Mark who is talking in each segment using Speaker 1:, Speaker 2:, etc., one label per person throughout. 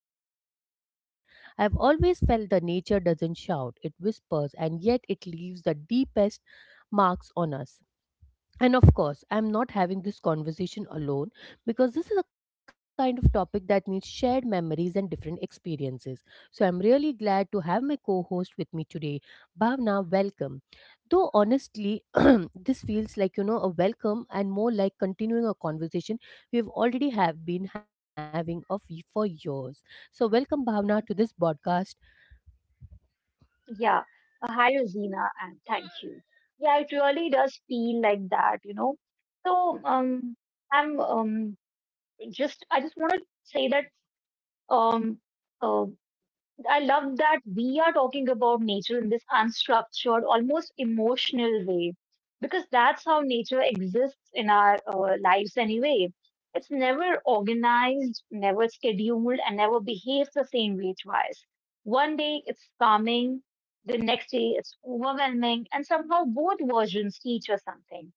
Speaker 1: even the way we breathe. I've always felt that nature doesn't shout, it whispers, and yet it leaves the deepest marks on us. And of course, I'm not having this conversation alone because this is a kind of topic that needs shared memories and different experiences. So I'm really glad to have my co host with me today. Bhavna, welcome. Though honestly, this feels like, you know, a welcome and more like continuing a conversation we have already have been having of for years. So welcome Bhavna to this podcast.
Speaker 2: Yeah, hi Rosina, and thank you. Yeah, it really does feel like that, you know. So, um, I'm um I just want to say that um, uh, I love that we are talking about nature in this unstructured, almost emotional way, because that's how nature exists in our lives anyway. It's never organized, never scheduled, and never behaves the same way twice. One day it's calming, the next day it's overwhelming, and somehow both versions teach us something.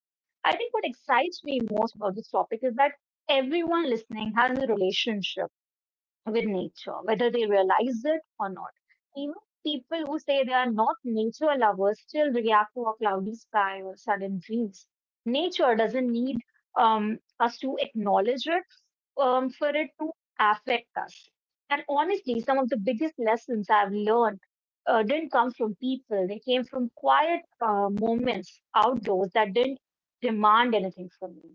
Speaker 2: I think what excites me most about this topic is that everyone listening has a relationship with nature, whether they realize it or not. Even people who say they are not nature lovers still react to a cloudy sky or sudden breeze. Nature doesn't need us to acknowledge it for it to affect us. And honestly, some of the biggest lessons I've learned didn't come from people, they came from quiet moments outdoors that didn't demand anything from me.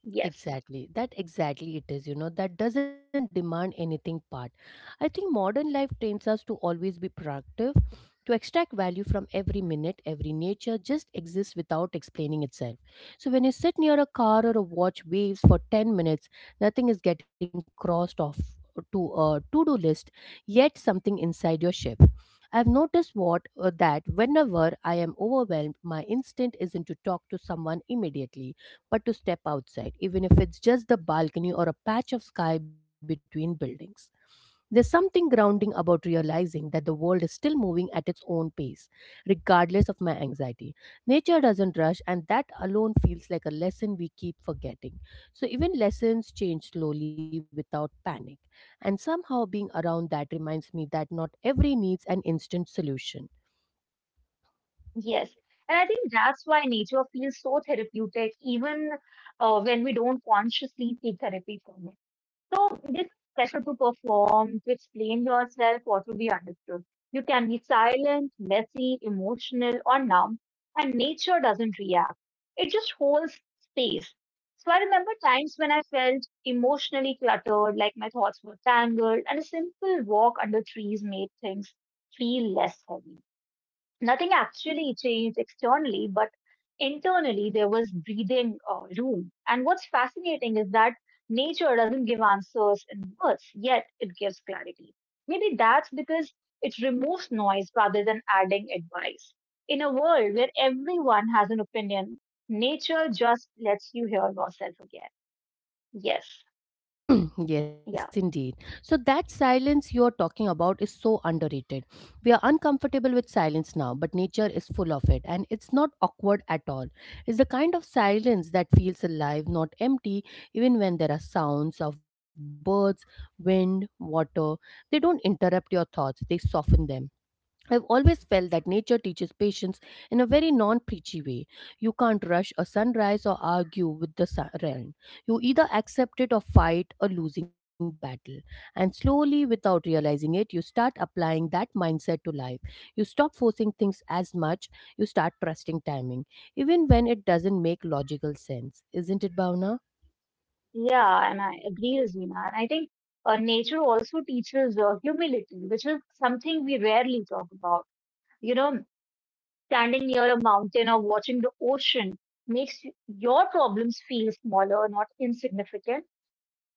Speaker 2: Yes.
Speaker 1: Exactly. That exactly it is, you know, that doesn't demand anything part. I think modern life trains us to always be proactive, to extract value from every minute, every nature just exists without explaining itself. So when you sit near a car or a watch waves for 10 minutes, nothing is getting crossed off to a to-do list, yet something inside your shift. I've noticed what that whenever I am overwhelmed, my instinct isn't to talk to someone immediately but to step outside, even if it's just the balcony or a patch of sky between buildings. There's something grounding about realizing that the world is still moving at its own pace, regardless of my anxiety. Nature doesn't rush, and that alone feels like a lesson we keep forgetting. So, even lessons change slowly without panic. And somehow, being around that reminds me that not every needs an instant solution.
Speaker 2: Yes. And I think that's why nature feels so therapeutic, even when we don't consciously seek therapy from it. So, this pressure to perform, to explain yourself, or to be understood. You can be silent, messy, emotional, or numb, and nature doesn't react. It just holds space. So, I remember times when I felt emotionally cluttered, like my thoughts were tangled, and a simple walk under trees made things feel less heavy. Nothing actually changed externally, but internally there was breathing room. And what's fascinating is that nature doesn't give answers in words, yet it gives clarity. Maybe that's because it removes noise rather than adding advice. In a world where everyone has an opinion, nature just lets you hear yourself again. Yes,
Speaker 1: Yes,
Speaker 2: yeah,
Speaker 1: indeed. So, that silence you are talking about is so underrated. We are uncomfortable with silence now, but nature is full of it and it's not awkward at all. It's the kind of silence that feels alive, not empty, even when there are sounds of birds, wind, water. They don't interrupt your thoughts, they soften them. I've always felt that nature teaches patience in a very non preachy way. You can't rush a sunrise or argue with the rain. You either accept it or fight a losing battle. And slowly, without realizing it, you start applying that mindset to life. You stop forcing things as much, you start trusting timing, even when it doesn't make logical sense. Isn't it, Bhavna?
Speaker 2: yeah, and I agree, with Azina. And I think nature also teaches humility, which is something we rarely talk about. You know, standing near a mountain or watching the ocean makes your problems feel smaller, not insignificant,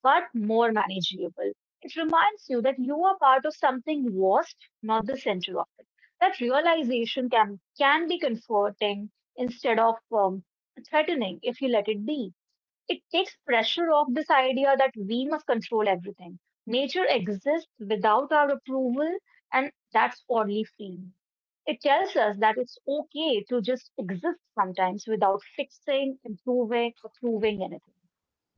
Speaker 2: but more manageable. It reminds you that you are part of something vast, not the center of it. That realization can be comforting instead of threatening if you let it be. It takes pressure off this idea that we must control everything. Nature exists without our approval, and that's oddly freeing. It tells us that it's okay to just exist sometimes without fixing, improving, or proving anything.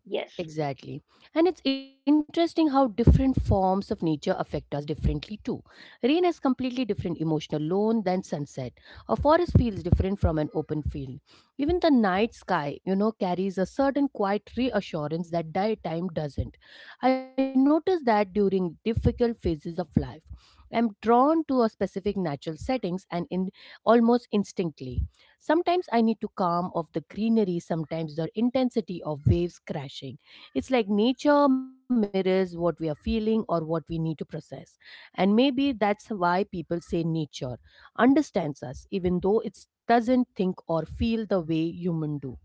Speaker 2: Yes.
Speaker 1: Exactly. And it's interesting how different forms of nature affect us differently too. Rain has completely different emotional loan than sunset. A forest feels different from an open field. Even the night sky, you know, carries a certain quiet reassurance that daytime doesn't. I notice that during difficult phases of life. I'm drawn to a specific natural settings and in almost instinctively. Sometimes I need to calm off the greenery, sometimes the intensity of waves crashing it's like nature mirrors what we are feeling or what we need to process. And maybe that's why people say nature understands us, even though it doesn't think or feel the way human do.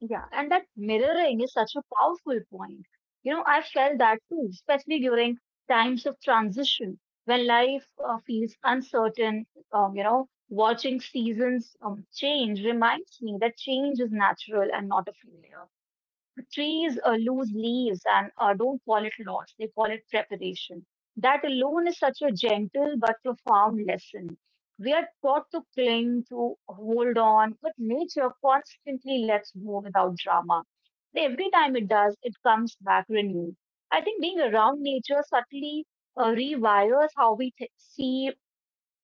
Speaker 2: Yeah, and that mirroring is such a powerful point. You know, I felt that too, especially during times of transition when life feels uncertain. You know, watching seasons change reminds me that change is natural and not a failure. Trees lose leaves and don't call it loss, they call it preparation. That alone is such a gentle but profound lesson. We are taught to cling, to hold on, but nature constantly lets go without drama. Every time it does, it comes back renewed. I think being around nature subtly rewires how see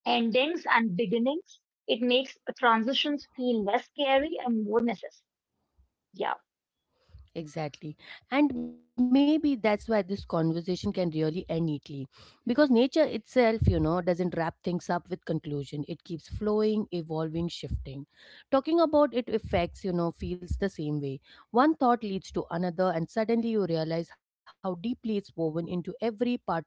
Speaker 2: endings and beginnings. It makes transitions feel less scary and more necessary. Yeah.
Speaker 1: Exactly. And maybe that's why this conversation can really end neatly. Because nature itself, you know, doesn't wrap things up with conclusion. It keeps flowing, evolving, shifting. Talking about it affects, you know, feels the same way. One thought leads to another, and suddenly you realize how deeply it's woven into every part of life.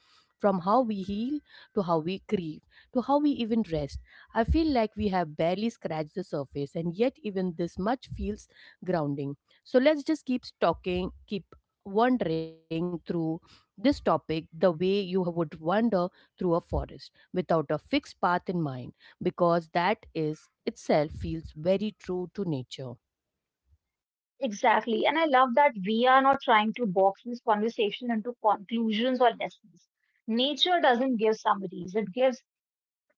Speaker 1: From how we heal to how we grieve to how we even rest. I feel like we have barely scratched the surface, and yet, even this much feels grounding. So let's just keep talking, keep wandering through this topic the way you would wander through a forest without a fixed path in mind, because that is itself feels very true to nature.
Speaker 2: Exactly. And I love that we are not trying to box this conversation into conclusions or lessons. Nature doesn't give summaries, it gives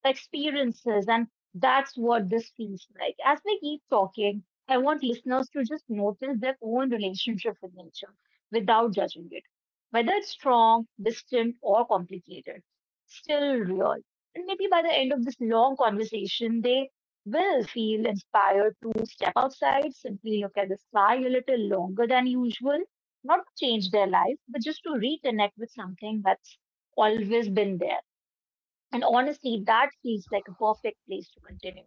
Speaker 2: experiences, and that's what this feels like. As we keep talking, I want listeners to just notice their own relationship with nature without judging it, whether it's strong, distant, or complicated, still real. And maybe by the end of this long conversation, they will feel inspired to step outside, simply look at the sky a little longer than usual, not to change their life, but just to reconnect with something that's always been there. And honestly, that feels like a perfect place to continue.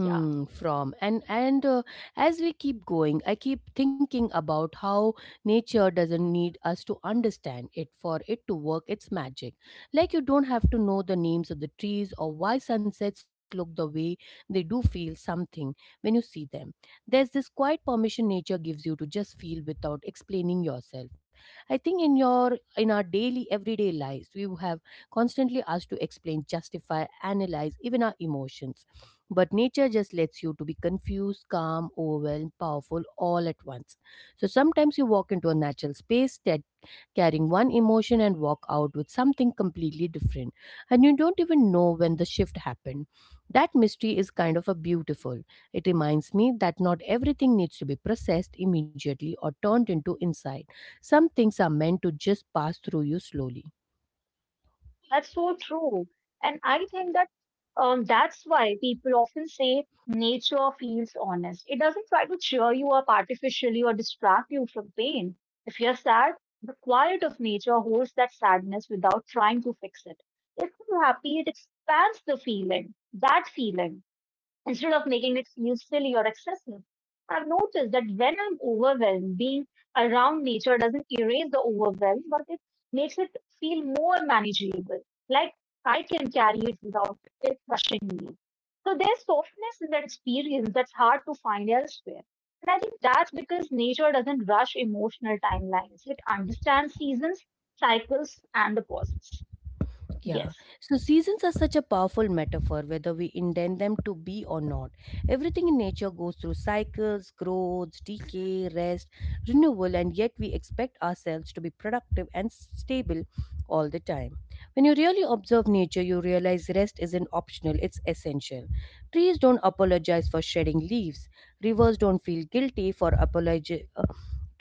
Speaker 2: Yeah,
Speaker 1: from and As we keep going, I keep thinking about how nature doesn't need us to understand it for it to work its magic. Like you don't have to know the names of the trees or why sunsets look the way they do feel something when you see them. There's this quiet permission nature gives you to just feel without explaining yourself. I think in your in our daily everyday lives, we have constantly asked to explain, justify, analyze even our emotions but nature just lets you to be confused, calm, overwhelmed, powerful all at once. So sometimes you walk into a natural space that carrying one emotion and walk out with something completely different. And you don't even know when the shift happened. That mystery is kind of a beautiful. It reminds me that not everything needs to be processed immediately or turned into insight. Some things are meant to just pass through you slowly.
Speaker 2: that's so true. And I think that's why people often say nature feels honest. It doesn't try to cheer you up artificially or distract you from pain. If you're sad, the quiet of nature holds that sadness without trying to fix it. If you're happy, it expands that feeling. Instead of making it feel silly or excessive, I've noticed that when I'm overwhelmed, being around nature doesn't erase the overwhelm, but it makes it feel more manageable. Like I can carry it without it crushing me. So there's softness in that experience that's hard to find elsewhere. And I think that's because nature doesn't rush emotional timelines. It understands seasons, cycles, and the pauses.
Speaker 1: Yeah,
Speaker 2: Yes.
Speaker 1: so seasons are such a powerful metaphor, whether we intend them to be or not. Everything in nature goes through cycles, growth, decay, rest, renewal, and yet we expect ourselves to be productive and stable all the time. When you really observe nature, you realize rest isn't optional, it's essential. Trees don't apologize for shedding leaves, rivers don't feel guilty for apologizing.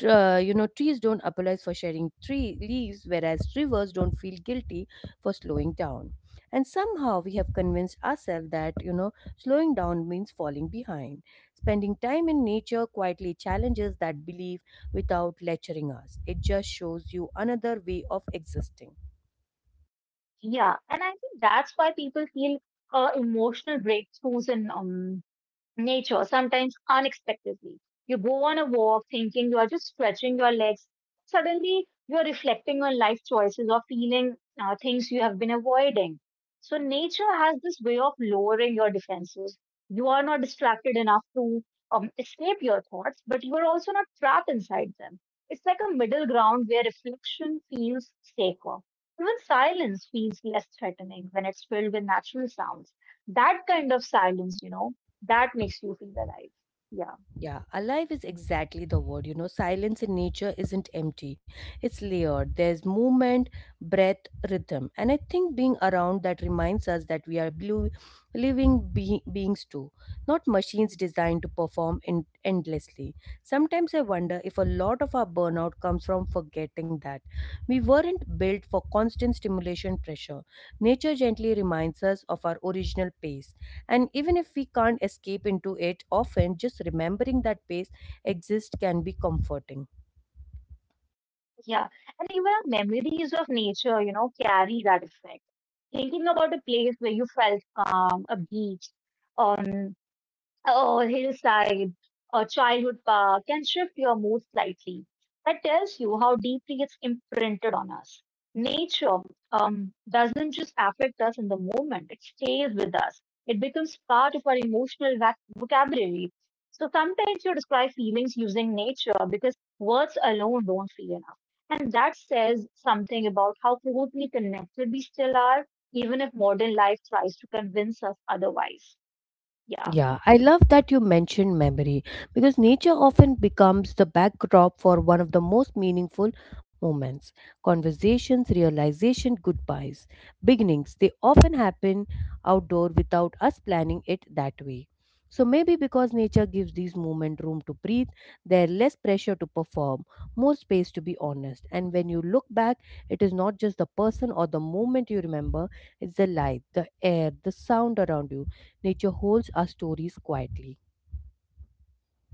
Speaker 1: You know, trees don't apologize for shedding tree leaves, whereas rivers don't feel guilty for slowing down. And somehow we have convinced ourselves that, you know, slowing down means falling behind. Spending time in nature quietly challenges that belief without lecturing us. It just shows you another way of existing.
Speaker 2: Yeah, and I think that's why people feel emotional breakthroughs in nature, sometimes unexpectedly. You go on a walk thinking you are just stretching your legs. Suddenly, you are reflecting on life choices or feeling things you have been avoiding. So, nature has this way of lowering your defenses. You are not distracted enough to escape your thoughts, but you are also not trapped inside them. It's like a middle ground where reflection feels safer. Even silence feels less threatening when it's filled with natural sounds. That kind of silence, you know, that makes you feel alive. Yeah.
Speaker 1: Yeah, alive is exactly the word. You know, silence in nature isn't empty, it's layered. There's movement, breath, rhythm. And I think being around that reminds us that we are blue, living beings too, not machines designed to perform endlessly. Sometimes I wonder if a lot of our burnout comes from forgetting that we weren't built for constant stimulation pressure. Nature gently reminds us of our original pace, and even if we can't escape into it often, just remembering that pace exists can be comforting.
Speaker 2: Yeah, and even our memories of nature, you know, carry that effect. Thinking about a place where you felt calm, a beach, um, Oh, hillside or childhood park can shift your mood slightly. That tells you how deeply it's imprinted on us. Nature doesn't just affect us in the moment, it stays with us. It becomes part of our emotional vocabulary. So sometimes you describe feelings using nature because words alone don't feel enough. And that says something about how profoundly connected we still are, even if modern life tries to convince us otherwise. Yeah.
Speaker 1: Yeah, I love that you mentioned memory because nature often becomes the backdrop for one of the most meaningful moments. Conversations, realization, goodbyes, beginnings, they often happen outdoor without us planning it that way. So maybe because nature gives these moments room to breathe, there's less pressure to perform, more space to be honest. And when you look back, it is not just the person or the moment you remember, it's the light, the air, the sound around you. Nature holds our stories quietly.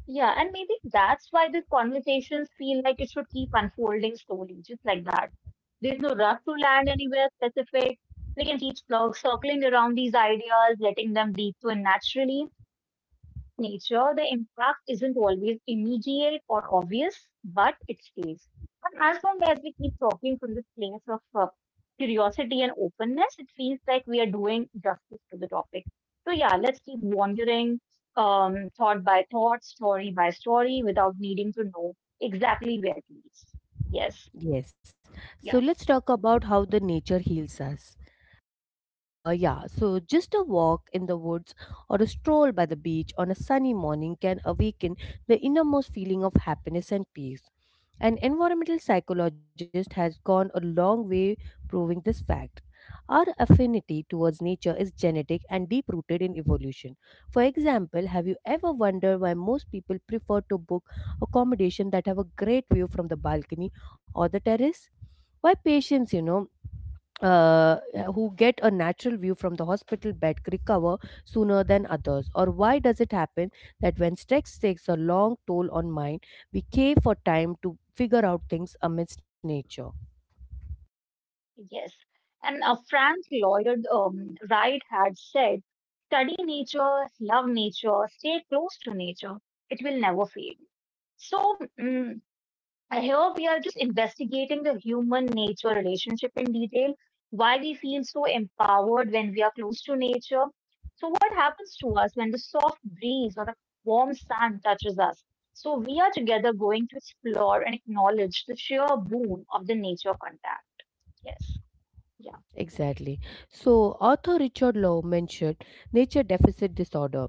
Speaker 2: Yeah, and maybe that's why these conversations feel like it should keep unfolding slowly, just like that. There's no rush to land anywhere specific. We can keep circling around these ideas, letting them deepen naturally. Nature, the impact isn't always immediate or obvious, but it stays. And as long as we keep talking from this place of curiosity and openness, it feels like we are doing justice to the topic. So, yeah, let's keep wandering thought by thought, story by story, without needing to know exactly where it leads. Yes.
Speaker 1: Yes. So
Speaker 2: Yeah.
Speaker 1: let's talk about how the nature heals us. Yeah, so just a walk in the woods or a stroll by the beach on a sunny morning can awaken the innermost feeling of happiness and peace. An environmental psychologist has gone a long way proving this fact. Our affinity towards nature is genetic and deep rooted in evolution. For example, have you ever wondered why most people prefer to book accommodation that have a great view from the balcony or the terrace? Why patience, you know, uh, who get a natural view from the hospital bed recover sooner than others? Or why does it happen that when stress takes a long toll on mind, we cave for time to figure out things amidst nature?
Speaker 2: Yes. And Frank Lloyd Wright had said, study nature, love nature, stay close to nature. It will never fade. So, here we are just investigating the human nature relationship in detail, why we feel so empowered when we are close to nature. So what happens to us when the soft breeze or the warm sun touches us? So we are together going to explore and acknowledge the sheer boon of the nature contact. Yes. Yeah.
Speaker 1: Exactly. So, author Richard Lowe mentioned nature deficit disorder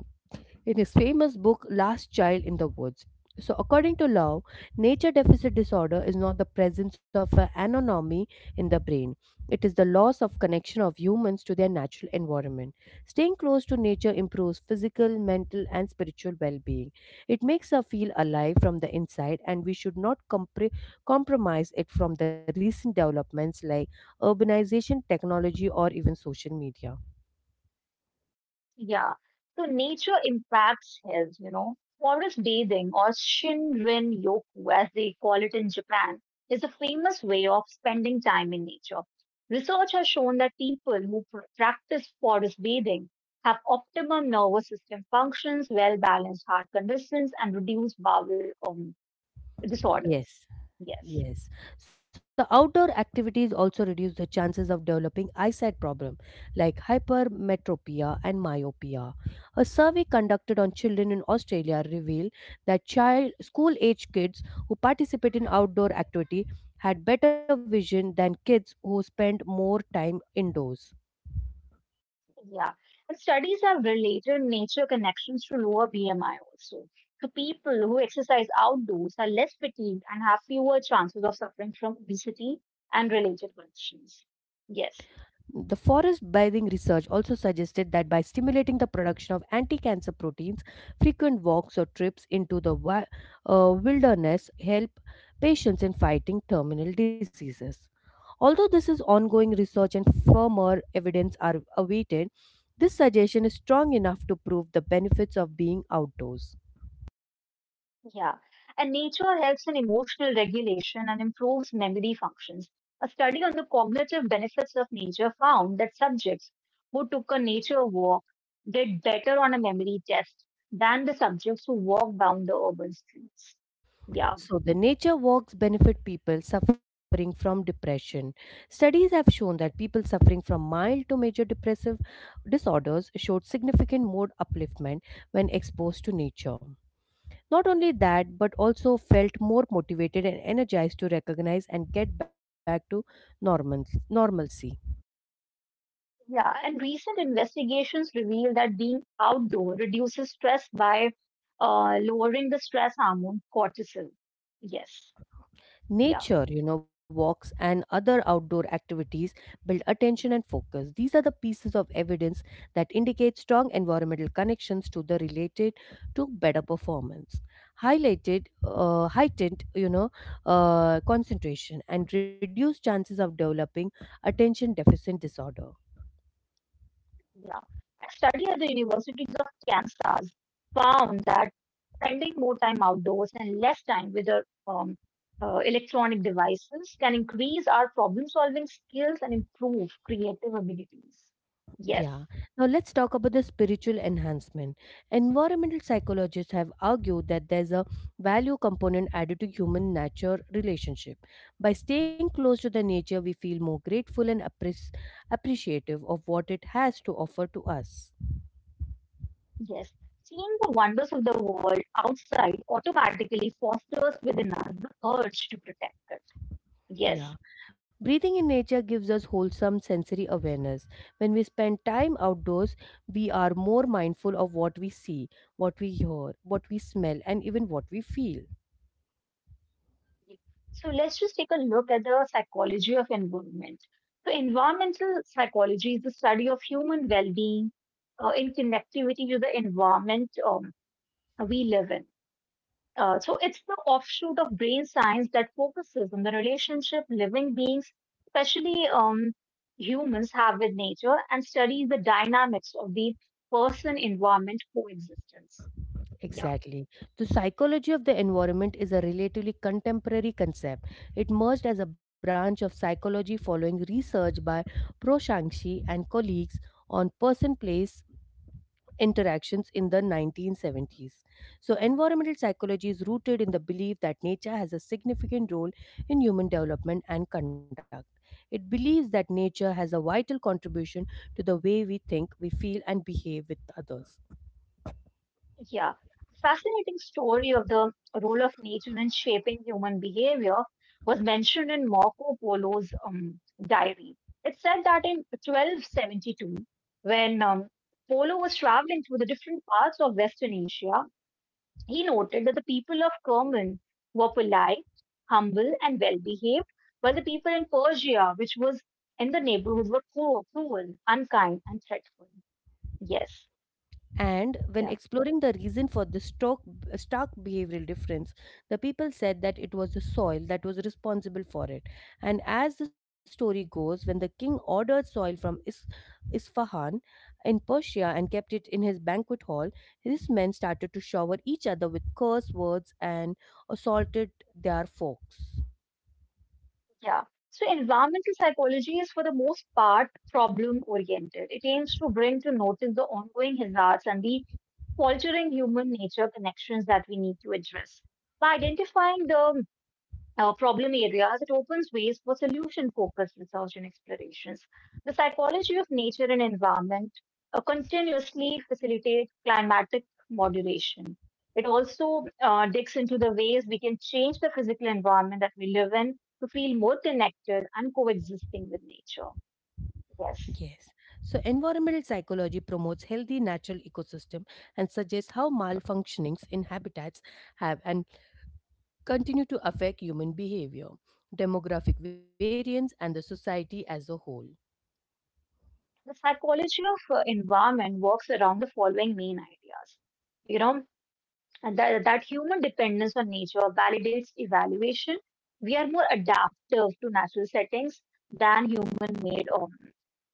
Speaker 1: in his famous book Last Child in the Woods. So, according to Lau, nature deficit disorder is not the presence of an anomaly in the brain. It is the loss of connection of humans to their natural environment. Staying close to nature improves physical, mental, and spiritual well being. It makes us feel alive from the inside, and we should not compromise it from the recent developments like urbanization, technology, or even social media.
Speaker 2: Yeah. So nature impacts health, you know. Forest bathing or Shinrin yoku, as they call it in Japan, is a famous way of spending time in nature. Research has shown that people who practice forest bathing have optimum nervous system functions, well balanced heart conditions, and reduced bowel disorders.
Speaker 1: Yes.
Speaker 2: Yes.
Speaker 1: Yes. So outdoor activities also reduce the chances of developing eyesight problem like hypermetropia and myopia. A survey conducted on children in Australia revealed that child school age kids who participate in outdoor activity had better vision than kids who spend more time indoors.
Speaker 2: Yeah, and studies have related nature connections to lower BMI also. So people who exercise outdoors are less fatigued and have fewer chances of suffering from obesity and related conditions. Yes,
Speaker 1: The forest bathing research also suggested that by stimulating the production of anti cancer proteins, frequent walks or trips into the wilderness help patients in fighting terminal diseases. Although this is ongoing research and firmer evidence are awaited, this suggestion is strong enough to prove the benefits of being outdoors.
Speaker 2: yeah. And nature helps in emotional regulation and improves memory functions. A study on the cognitive benefits of nature found that subjects who took a nature walk did better on a memory test than the subjects who walked down the urban streets. Yeah.
Speaker 1: So, the nature walks benefit people suffering from depression. Studies have shown that people suffering from mild to major depressive disorders showed significant mood upliftment when exposed to nature. Not only that, but also felt more motivated and energized to recognize and get back to normalcy.
Speaker 2: Yeah, and recent investigations reveal that being outdoor reduces stress by lowering the stress hormone cortisol. Yes, yeah,
Speaker 1: Nature, you know, walks and other outdoor activities build attention and focus. These are the pieces of evidence that indicate strong environmental connections to the related to better performance. Heightened concentration and reduced chances of developing attention deficit disorder.
Speaker 2: yeah. A study at the University of Kansas found that spending more time outdoors and less time with the electronic devices can increase our problem-solving skills and improve creative abilities.
Speaker 1: Yeah.
Speaker 2: Yes.
Speaker 1: Now let's talk about the spiritual enhancement. Environmental psychologists have argued that there's a value component added to human nature relationship. By staying close to the nature, we feel more grateful and appreciative of what it has to offer to us.
Speaker 2: Yes, seeing the wonders of the world outside automatically fosters within us the urge to protect it. Yes.
Speaker 1: Yeah. Breathing in nature gives us wholesome sensory awareness. When we spend time outdoors, we are more mindful of what we see, what we hear, what we smell, and even what we feel.
Speaker 2: So let's just take a look at the psychology of environment. So environmental psychology is the study of human well-being in connectivity to the environment we live in. So it's the offshoot of brain science that focuses on the relationship living beings, especially humans, have with nature and studies the dynamics of the person environment coexistence. Yeah,
Speaker 1: Exactly. The psychology of the environment is a relatively contemporary concept. It emerged as a branch of psychology following research by Pro Shangshi and colleagues on person place interactions in the 1970s. So, environmental psychology is rooted in the belief that nature has a significant role in human development and conduct. It believes that nature has a vital contribution to the way we think, we feel, and behave with others.
Speaker 2: yeah. Fascinating story of the role of nature in shaping human behavior was mentioned in Marco Polo's diary. It said that in 1272, when Polo was traveling through the different parts of Western Asia, he noted that the people of Kerman were polite, humble, and well behaved, while the people in Persia, which was in the neighborhood, were cruel, cruel unkind, and threatful. Yes.
Speaker 1: And when
Speaker 2: Yeah.
Speaker 1: exploring the reason for the stark behavioral difference, the people said that it was the soil that was responsible for it. And as the story goes, when the king ordered soil from Isfahan in Persia and kept it in his banquet hall, his men started to shower each other with curse words and assaulted their folks.
Speaker 2: Yeah. So environmental psychology is for the most part problem oriented. It aims to bring to notice the ongoing hazards and the faltering human nature connections that we need to address. By identifying the problem areas, it opens ways for solution focused research and explorations. The psychology of nature and environment continuously facilitates climatic moderation. It also digs into the ways we can change the physical environment that we live in to feel more connected and coexisting with nature. Yes.
Speaker 1: Yes. So environmental psychology promotes healthy natural ecosystem and suggests how malfunctionings in habitats have an continue to affect human behavior, demographic variance, and the society as a whole.
Speaker 2: The psychology of environment works around the following main ideas. You know, And that human dependence on nature validates evaluation. We are more adaptive to natural settings than human made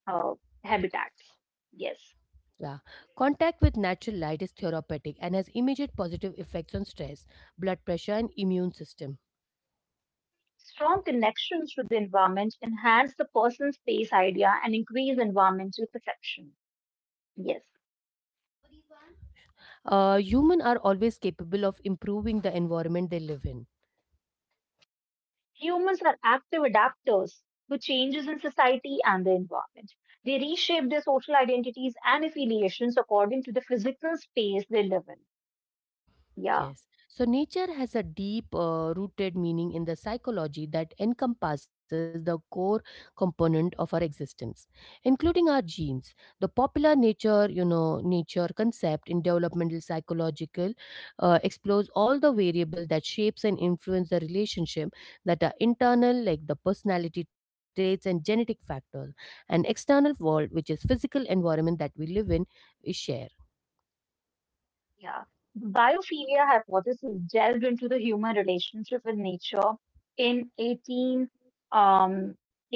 Speaker 2: uh, habitats. Yes.
Speaker 1: Yeah. Contact with natural light is therapeutic and has immediate positive effects on stress, blood pressure, and immune system.
Speaker 2: Strong connections to the environment enhance the person's space idea and increase environmental perception. Yes.
Speaker 1: Humans are always capable of improving the environment they live in.
Speaker 2: Humans are active adapters to changes in society and the environment. They reshape their social identities and affiliations according to the physical space they live in. Yeah.
Speaker 1: Yes. So nature has a deep rooted meaning in the psychology that encompasses the core component of our existence, including our genes. The popular nature, you know, nature concept in developmental psychological explores all the variables that shapes and influence the relationship that are internal, like the personality traits and genetic factors, and external world, which is physical environment that we live in, we share.
Speaker 2: Yeah. The biophilia hypothesis delved into the human relationship with nature in 1884.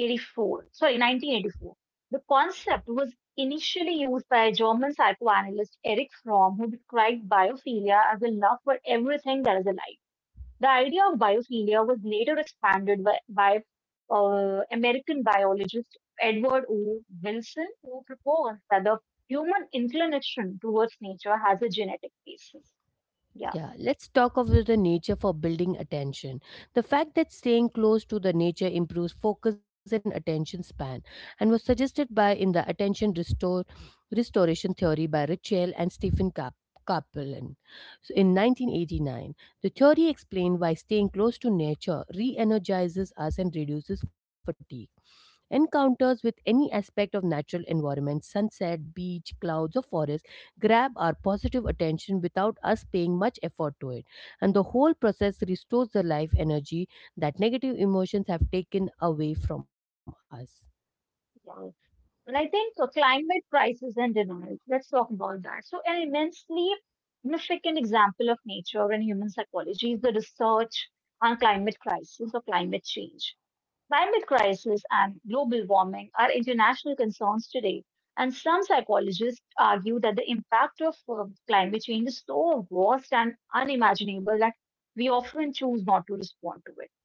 Speaker 2: sorry, 1984. The concept was initially used by German psychoanalyst Erich Fromm, who described biophilia as a love for everything that is alive. The idea of biophilia was later expanded by American biologist Edward O. Wilson, who proposed that the human inclination towards nature has a genetic basis. Yeah.
Speaker 1: Yeah, let's talk of the nature for building attention. The fact that staying close to the nature improves focus and attention span and was suggested by in the attention restore restoration theory by Richel and Stephen Kaplan. So in 1989, the theory explained why staying close to nature re-energizes us and reduces fatigue. Encounters with any aspect of natural environment, sunset, beach, clouds, or forest grab our positive attention without us paying much effort to it. And the whole process restores the life energy that negative emotions have taken away from us.
Speaker 2: Yeah. And I think climate crisis and denial, let's talk about that. So, an immensely significant example of nature and human psychology is the research on climate crisis or climate change. Climate crisis and global warming are international concerns today, and some psychologists argue that the impact of climate change is so vast and unimaginable that we often choose not to respond to it.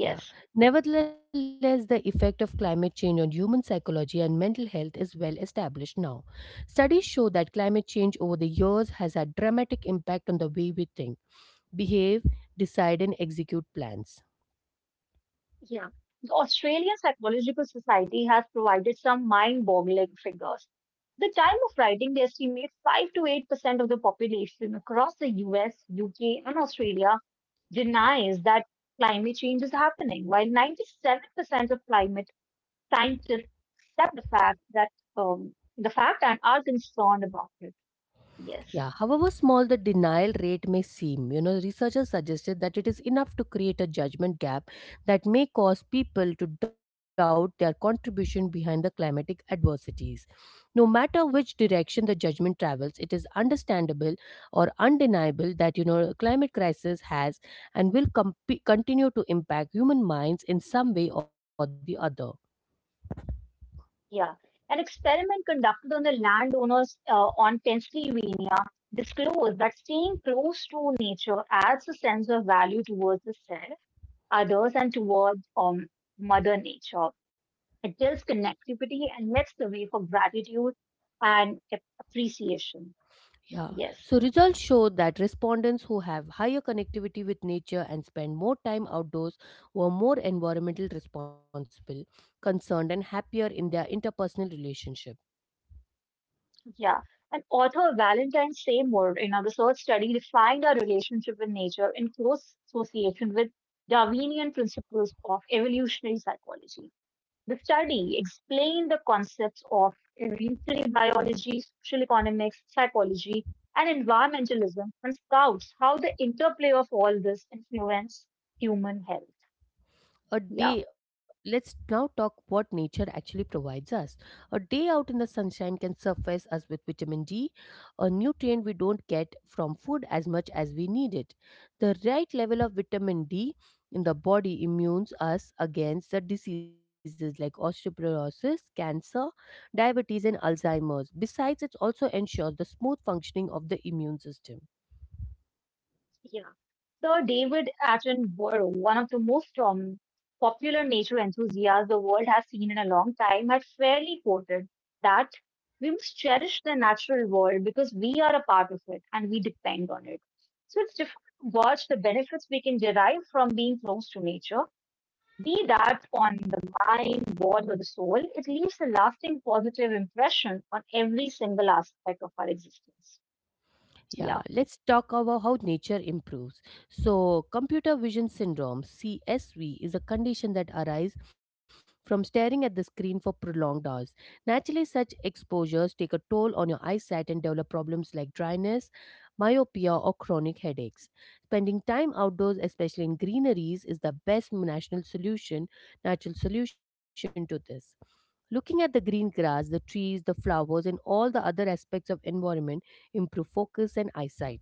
Speaker 1: Yeah. Nevertheless, the effect of climate change on human psychology and mental health is well established now. Studies show that climate change over the years has had dramatic impact on the way we think, behave, decide and execute plans.
Speaker 2: Yeah. The Australian Psychological Society has provided some mind-boggling figures. The time of writing, they estimate 5 to 8% of the population across the US, UK, and Australia denies that climate change is happening, while 97% of climate scientists accept the fact that the fact and are concerned about it. Yes.
Speaker 1: Yeah, however small the denial rate may seem, you know, researchers suggested that it is enough to create a judgment gap that may cause people to doubt their contribution behind the climatic adversities. No matter which direction the judgment travels, it is understandable or undeniable that, you know, climate crisis has and will continue to impact human minds in some way or the other.
Speaker 2: Yeah. An experiment conducted on the landowners on Pennsylvania disclosed that staying close to nature adds a sense of value towards the self, others, and towards Mother Nature. It builds connectivity and lets the way for gratitude and appreciation.
Speaker 1: Yeah, so
Speaker 2: Yes.
Speaker 1: results show that respondents who have higher connectivity with nature and spend more time outdoors were more environmental responsible, concerned, and happier in their interpersonal relationship.
Speaker 2: Yeah, and author Valentine Seymour in a research study defined our relationship with nature in close association with Darwinian principles of evolutionary psychology. The study explained the concepts of evolutionary biology, social economics, psychology, and environmentalism and scouts how the interplay of all this influence human health. Yeah.
Speaker 1: A day let's now talk what nature actually provides us. A day out in the sunshine can surface us with vitamin D, a nutrient we don't get from food as much as we need it. The right level of vitamin D in the body immunes us against the diseases like osteoporosis, cancer, diabetes, and Alzheimer's. Besides, it also ensures the smooth functioning of the immune system.
Speaker 2: Yeah. Sir David Attenborough, one of the most popular nature enthusiasts the world has seen in a long time, had fairly quoted that we must cherish the natural world because we are a part of it and we depend on it. So it's difficult to watch the benefits we can derive from being close to nature. Be that on the mind, body, or the soul, it leaves a lasting positive impression on every single aspect of our existence.
Speaker 1: Yeah,
Speaker 2: Yeah.
Speaker 1: let's talk about how nature improves. So, computer vision syndrome (CSV) is a condition that arises from staring at the screen for prolonged hours. Naturally, such exposures take a toll on your eyesight and develop problems like dryness, myopia, or chronic headaches. Spending time outdoors, especially in greeneries, is the best national solution, natural solution to this. Looking at the green grass, the trees, the flowers, and all the other aspects of environment improve focus and eyesight.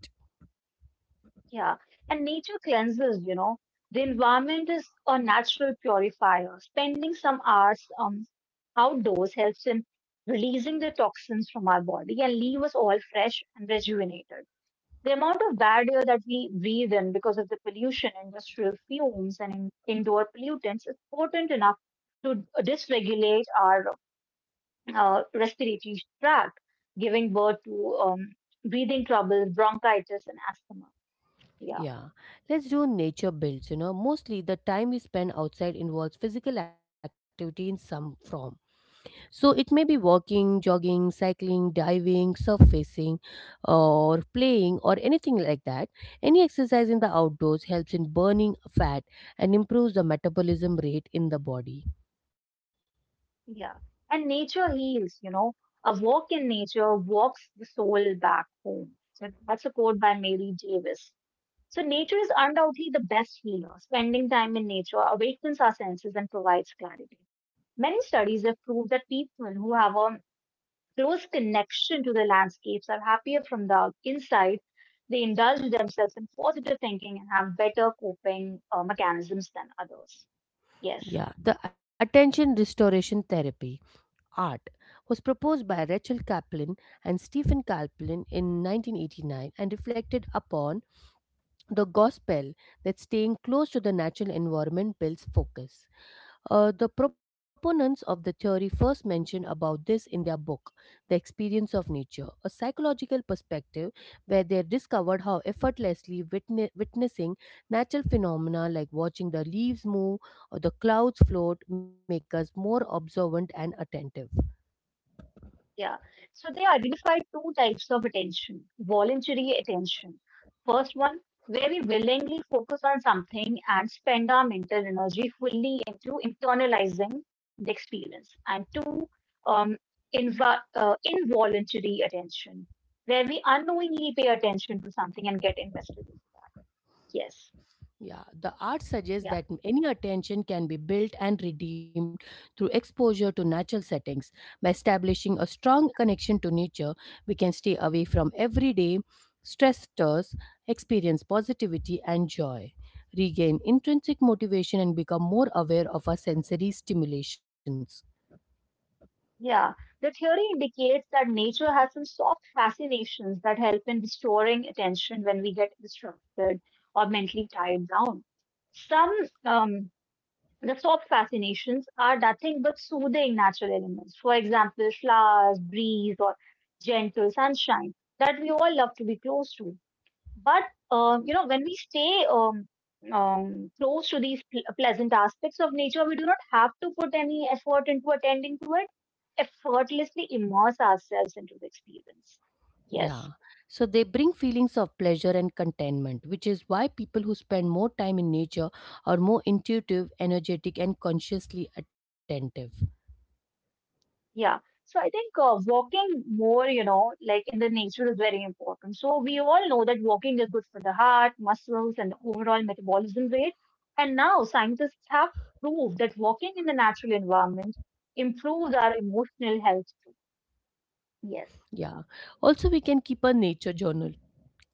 Speaker 2: Yeah, and nature cleanses, you know. The environment is a natural purifier. Spending some hours outdoors helps in releasing the toxins from our body and leave us all fresh and rejuvenated. The amount of bad air that we breathe in because of the pollution, industrial fumes, and indoor pollutants is potent enough to dysregulate our respiratory tract, giving birth to breathing trouble, bronchitis, and asthma. Yeah.
Speaker 1: Yeah, let's do nature builds. You know, mostly the time we spend outside involves physical activity in some form. So it may be walking, jogging, cycling, diving, surfacing, or playing, or anything like that. Any exercise in the outdoors helps in burning fat and improves the metabolism rate in the body.
Speaker 2: Yeah. And nature heals, you know. A walk in nature walks the soul back home. So that's a quote by Mary Davis. So nature is undoubtedly the best healer. Spending time in nature awakens our senses and provides clarity. Many studies have proved that people who have a close connection to the landscapes are happier from the inside. They indulge themselves in positive thinking and have better coping mechanisms than others. Yes.
Speaker 1: Yeah, the attention restoration therapy, ART, was proposed by Rachel Kaplan and Stephen Kaplan in 1989 and reflected upon the gospel that staying close to the natural environment builds focus. The proponents of the theory first mentioned about this in their book, The Experience of Nature, a psychological perspective where they discovered how effortlessly witnessing natural phenomena like watching the leaves move or the clouds float make us more observant and attentive.
Speaker 2: Yeah. So they identify two types of attention, voluntary attention. First one, where we willingly focus on something and spend our mental energy fully into internalizing the experience. And two, um, inv- involuntary attention, where we unknowingly pay attention to something and get invested in that. Yes.
Speaker 1: Yeah, the art suggests
Speaker 2: Yeah.
Speaker 1: that any attention can be built and redeemed through exposure to natural settings. By establishing a strong connection to nature, we can stay away from everyday stressors, experience positivity and joy, regain intrinsic motivation, and become more aware of our sensory stimulations.
Speaker 2: Yeah, the theory indicates that nature has some soft fascinations that help in restoring attention when we get distracted or mentally tied down. Some, um, the soft fascinations are nothing but soothing natural elements. For example, flowers, breeze, or gentle sunshine that we all love to be close to. But when we stay close to these pleasant aspects of nature, we do not have to put any effort into attending to it. Effortlessly immerse ourselves into the experience.
Speaker 1: Yeah.
Speaker 2: Yes.
Speaker 1: So they bring feelings of pleasure and contentment, which is why people who spend more time in nature are more intuitive, energetic, and consciously attentive.
Speaker 2: Yeah. So I think walking more, you know, like in the nature is very important. So we all know that walking is good for the heart, muscles, and overall metabolism rate. And now scientists have proved that walking in the natural environment improves our emotional health too. Yes.
Speaker 1: Yeah. Also, we can keep a nature journal.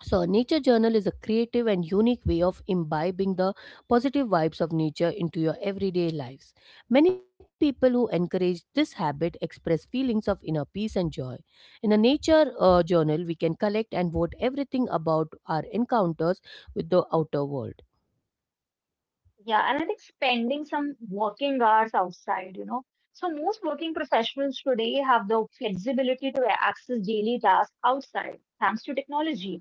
Speaker 1: So, a nature journal is a creative and unique way of imbibing the positive vibes of nature into your everyday lives. Many people who encourage this habit express feelings of inner peace and joy. In a nature journal, we can collect and vote everything about our encounters with the outer world.
Speaker 2: Yeah, and I think spending some working hours outside, you know. So most working professionals today have the flexibility to access daily tasks outside thanks to technology.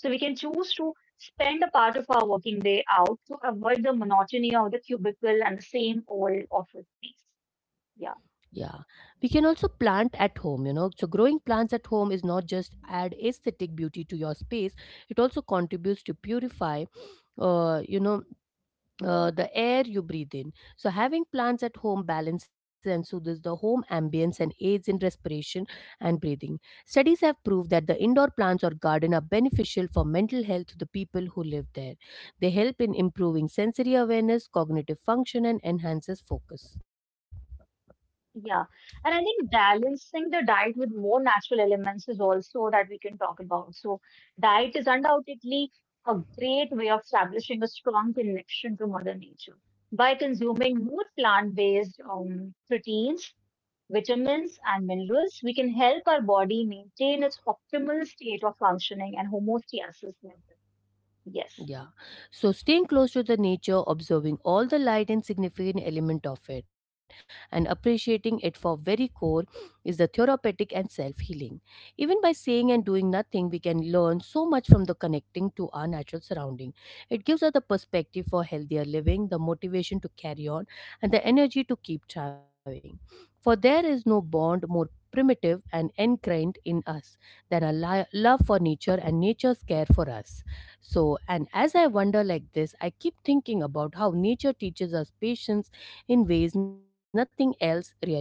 Speaker 2: So we can choose to spend a part of our working day out to avoid the monotony of the cubicle and the same old office space. Yeah.
Speaker 1: Yeah. We can also plant at home, you know. So, growing plants at home is not just add aesthetic beauty to your space, it also contributes to purify uh, you know the air you breathe in. So having plants at home balances and soothes the home ambience and aids in respiration and breathing. Studies have proved that the indoor plants or garden are beneficial for mental health to the people who live there. They help in improving sensory awareness, cognitive function, and enhances focus.
Speaker 2: Yeah, and I think balancing the diet with more natural elements is also that we can talk about. So, diet is undoubtedly a great way of establishing a strong connection to Mother Nature by consuming more plant-based proteins, vitamins, and minerals. We can help our body maintain its optimal state of functioning and homeostasis level. Yes.
Speaker 1: Yeah. So staying close to the nature, observing all the light and significant element of it, and appreciating it for very core is the therapeutic and self-healing. Even by saying and doing nothing, we can learn so much from the connecting to our natural surrounding. It gives us the perspective for healthier living, the motivation to carry on, and the energy to keep thriving. For there is no bond more primitive and ingrained in us than a love for nature and nature's care for us. So, and as I wonder like this, I keep thinking about how nature teaches us patience in ways nothing else really does.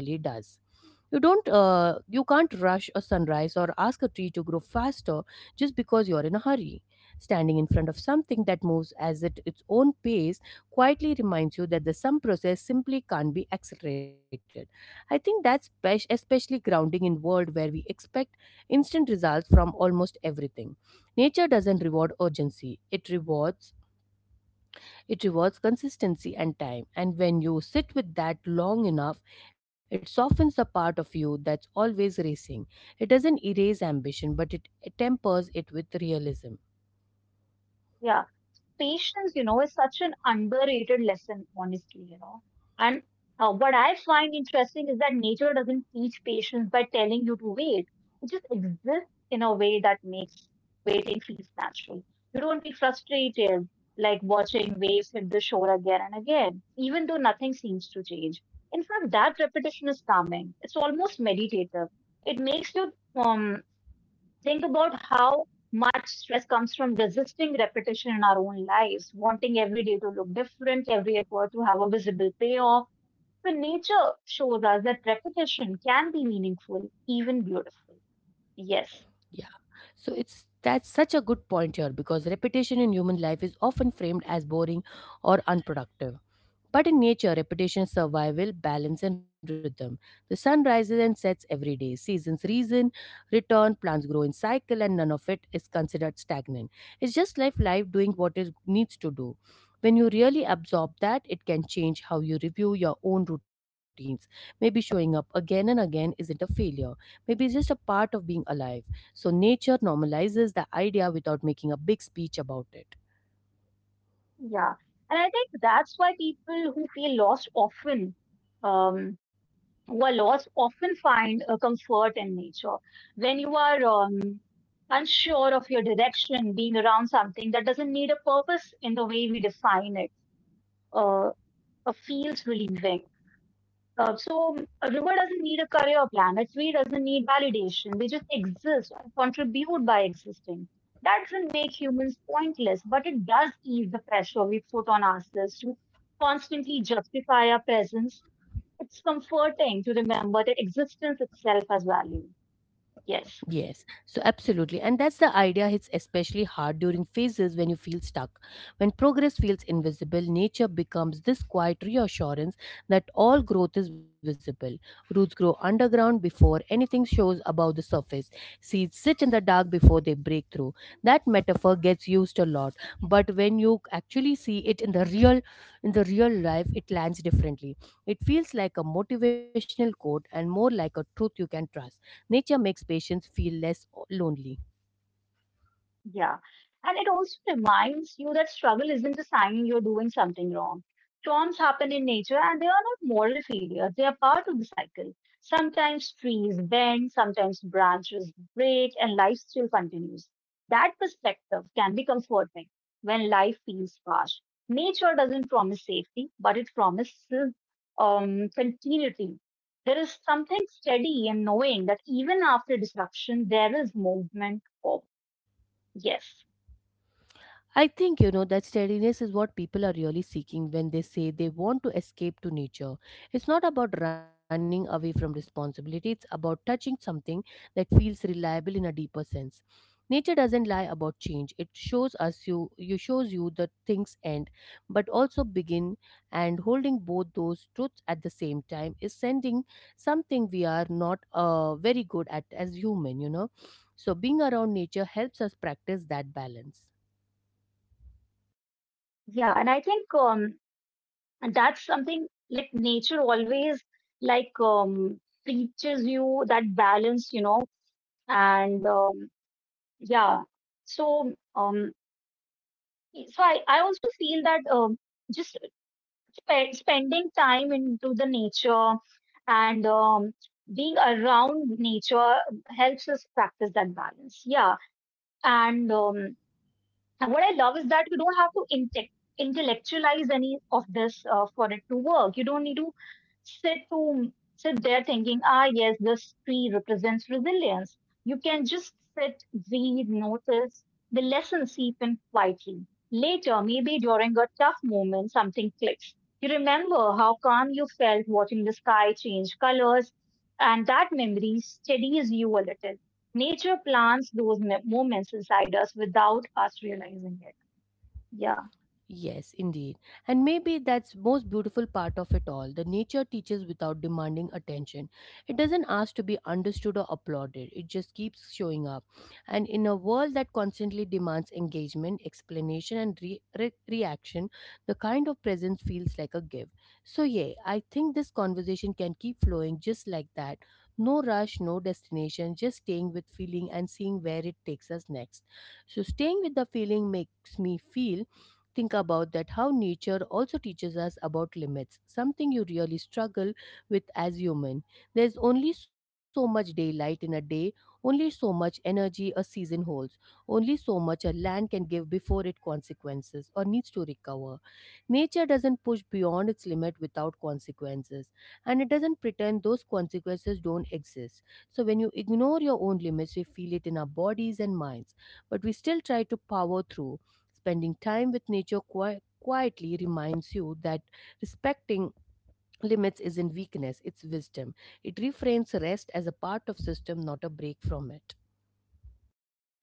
Speaker 1: You don't you can't rush a sunrise or ask a tree to grow faster just because you're in a hurry. Standing in front of something that moves as at its own pace quietly reminds you that the some process simply can't be accelerated. I think that's especially grounding in world where we expect instant results from almost everything. Nature doesn't reward urgency. It rewards it rewards consistency and time, and when you sit with that long enough, it softens the part of you that's always racing. It doesn't erase ambition, but it tempers it with realism.
Speaker 2: Yeah. Patience, you know, is such an underrated lesson, honestly, you know. And what I find interesting is that nature doesn't teach patience by telling you to wait. It just exists in a way that makes waiting feel natural. You don't feel frustrated like watching waves hit the shore again and again, even though nothing seems to change. In fact, that repetition is calming. It's almost meditative. It makes you think about how much stress comes from resisting repetition in our own lives, wanting every day to look different, every effort to have a visible payoff. So, nature shows us that repetition can be meaningful, even beautiful. Yes.
Speaker 1: Yeah. So it's that's such a good point here because repetition in human life is often framed as boring or unproductive. But in nature, repetition, survival, balance, and rhythm. The sun rises and sets every day. Seasons reason, return, plants grow in cycle, and none of it is considered stagnant. It's just like life doing what it needs to do. When you really absorb that, it can change how you review your own routines. Maybe showing up again and again isn't a failure. Maybe it's just a part of being alive. So, nature normalizes the idea without making a big speech about it.
Speaker 2: Yeah. And I think that's why people who feel lost um, who are lost often find comfort in nature. When you are unsure of your direction, being around something that doesn't need a purpose in the way we define it uh, feels relieving. So a river doesn't need a career plan. A tree doesn't need validation. They just exist and contribute by existing. That doesn't make humans pointless, but it does ease the pressure we put on ourselves to constantly justify our presence. It's comforting to remember that existence itself has value. Yes.
Speaker 1: Yes, so absolutely. And that's the idea hits especially hard during phases when you feel stuck. When progress feels invisible, nature becomes this quiet reassurance that all growth is visible. Roots grow underground before anything shows above the surface. Seeds sit in the dark before they break through. That metaphor gets used a lot, but when you actually see it in the real life, it lands differently. It feels like a motivational quote and more like a truth you can trust. Nature makes patients feel less lonely.
Speaker 2: Yeah. And it also reminds you that struggle isn't a sign you're doing something wrong. Storms happen in nature and they are not moral failure. They are part of the cycle. Sometimes trees bend, sometimes branches break, and life still continues. That perspective can be comforting when life feels harsh. Nature doesn't promise safety, but it promises continuity. There is something steady in knowing that even after disruption, there is movement. Hope. Yes.
Speaker 1: I think, you know, that steadiness is what people are really seeking when they say they want to escape to nature. It's not about running away from responsibility, it's about touching something that feels reliable in a deeper sense. Nature doesn't lie about change. It shows us you you shows you that things end but also begin, and holding both those truths at the same time is sending something we are not very good at as human, you know. So being around nature helps us practice that balance.
Speaker 2: Yeah, and I think and that's something like nature always like teaches you that balance, you know, and yeah. So um, I also feel that just spending time into the nature and being around nature helps us practice that balance. Yeah, and um, and what I love is that you don't have to intellectualize any of this for it to work. You don't need to sit there thinking, ah, yes, this tree represents resilience. You can just sit, breathe, notice the lesson seep in quietly. Later, maybe during a tough moment, something clicks. You remember how calm you felt watching the sky change colors, and that memory steadies you a little. Nature plants those moments inside us without us realizing it. Yeah.
Speaker 1: Yes, indeed. And maybe that's most beautiful part of it all. The nature teaches without demanding attention. It doesn't ask to be understood or applauded. It just keeps showing up. And in a world that constantly demands engagement, explanation and reaction, the kind of presence feels like a gift. So yeah, I think this conversation can keep flowing just like that. No rush, no destination, just staying with feeling and seeing where it takes us next. So staying with the feeling makes me feel think about that how nature also teaches us about limits, something you really struggle with as human. There's only so much daylight in a day, only so much energy a season holds, only so much a land can give before it consequences or needs to recover. Nature doesn't push beyond its limit without consequences, and it doesn't pretend those consequences don't exist. So when you ignore your own limits, we feel it in our bodies and minds, but we still try to power through. Spending time with nature quietly reminds you that respecting limits isn't weakness, it's wisdom. It reframes rest as a part of system, not a break from it.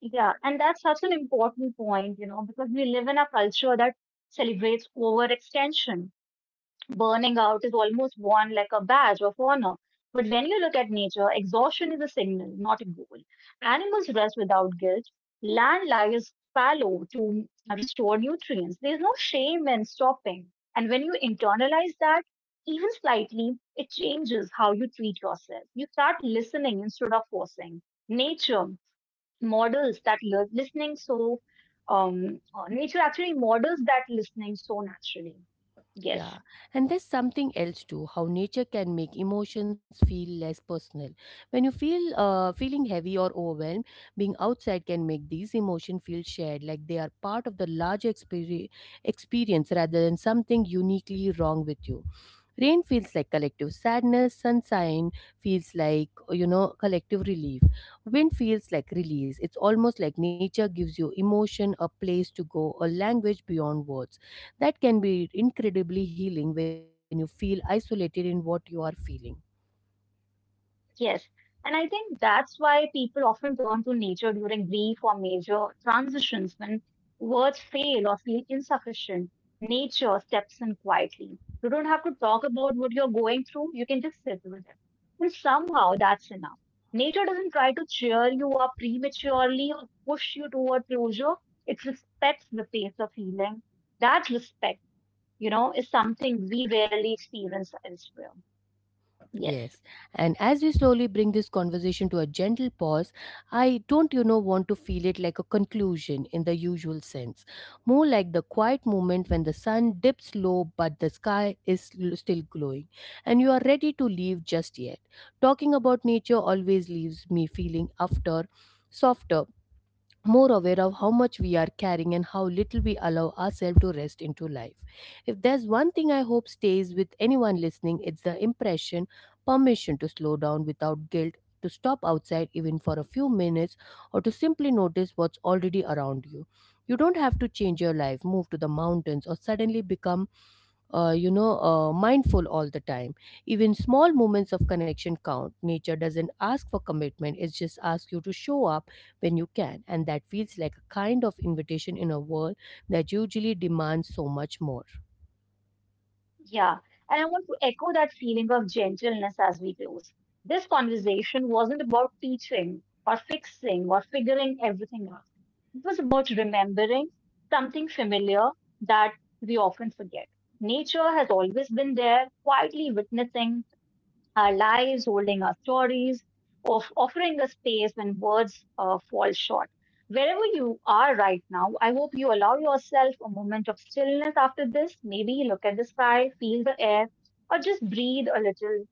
Speaker 2: Yeah. And that's such an important point, you know, because we live in a culture that celebrates overextension. Burning out is almost worn like a badge of honor. But when you look at nature, exhaustion is a signal, not a goal. Animals rest without guilt. Land lies fallow to restore nutrients. There's no shame in stopping. And when you internalize that, even slightly, it changes how you treat yourself. You start listening instead of forcing. Nature models that lear- listening so, Nature actually models that listening so naturally. Yes.
Speaker 1: Yeah, and there's something else too. How nature can make emotions feel less personal. When you feel feeling heavy or overwhelmed, being outside can make these emotions feel shared, like they are part of the larger experience rather than something uniquely wrong with you. Rain feels like collective sadness. Sunshine feels like, you know, collective relief. Wind feels like release. It's almost like nature gives you emotion, a place to go, a language beyond words that can be incredibly healing when you feel isolated in what you are feeling.
Speaker 2: Yes. And I think that's why people often turn to nature during grief or major transitions when words fail or feel insufficient. Nature steps in quietly. You don't have to talk about what you're going through, you can just sit with it. And somehow that's enough. Nature doesn't try to cheer you up prematurely or push you toward closure. It respects the pace of healing. That respect, you know, is something we rarely experience elsewhere. Yes.
Speaker 1: Yes. And as we slowly bring this conversation to a gentle pause, I don't, you know, want to feel it like a conclusion in the usual sense. More like the quiet moment when the sun dips low but the sky is still glowing and you are ready to leave just yet. Talking about nature always leaves me feeling after softer, more aware of how much we are carrying and how little we allow ourselves to rest into life. If there's one thing I hope stays with anyone listening, it's the impression, permission to slow down without guilt, to stop outside even for a few minutes, or to simply notice what's already around you. You don't have to change your life, move to the mountains, or suddenly become mindful all the time. Even small moments of connection count. Nature doesn't ask for commitment, it just asks you to show up when you can, and that feels like a kind of invitation in a world that usually demands so much more.
Speaker 2: Yeah, and I want to echo that feeling of gentleness as we close. This conversation wasn't about teaching or fixing or figuring everything out. It was about remembering something familiar that we often forget. Nature has always been there, quietly witnessing our lives, holding our stories, of offering a space when words fall short. Wherever you are right now, I hope you allow yourself a moment of stillness after this. Maybe look at the sky, feel the air, or just breathe a little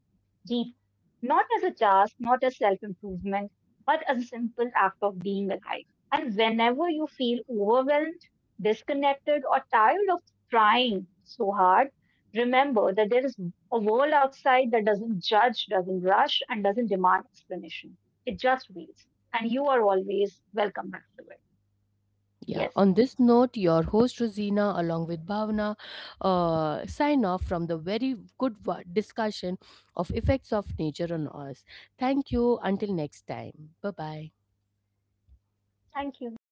Speaker 2: deep. Not as a task, not as self improvement, but as a simple act of being alive. And whenever you feel overwhelmed, disconnected, or tired of trying so hard, remember that there is a world outside that doesn't judge, doesn't rush, and doesn't demand explanation. It just waits. And you are always welcome back to it.
Speaker 1: Yeah,
Speaker 2: Yes.
Speaker 1: on this note, your host Rosina, along with Bhavana, sign off from the very good discussion of effects of nature on us. Thank you. Until next time. Bye bye.
Speaker 2: Thank you.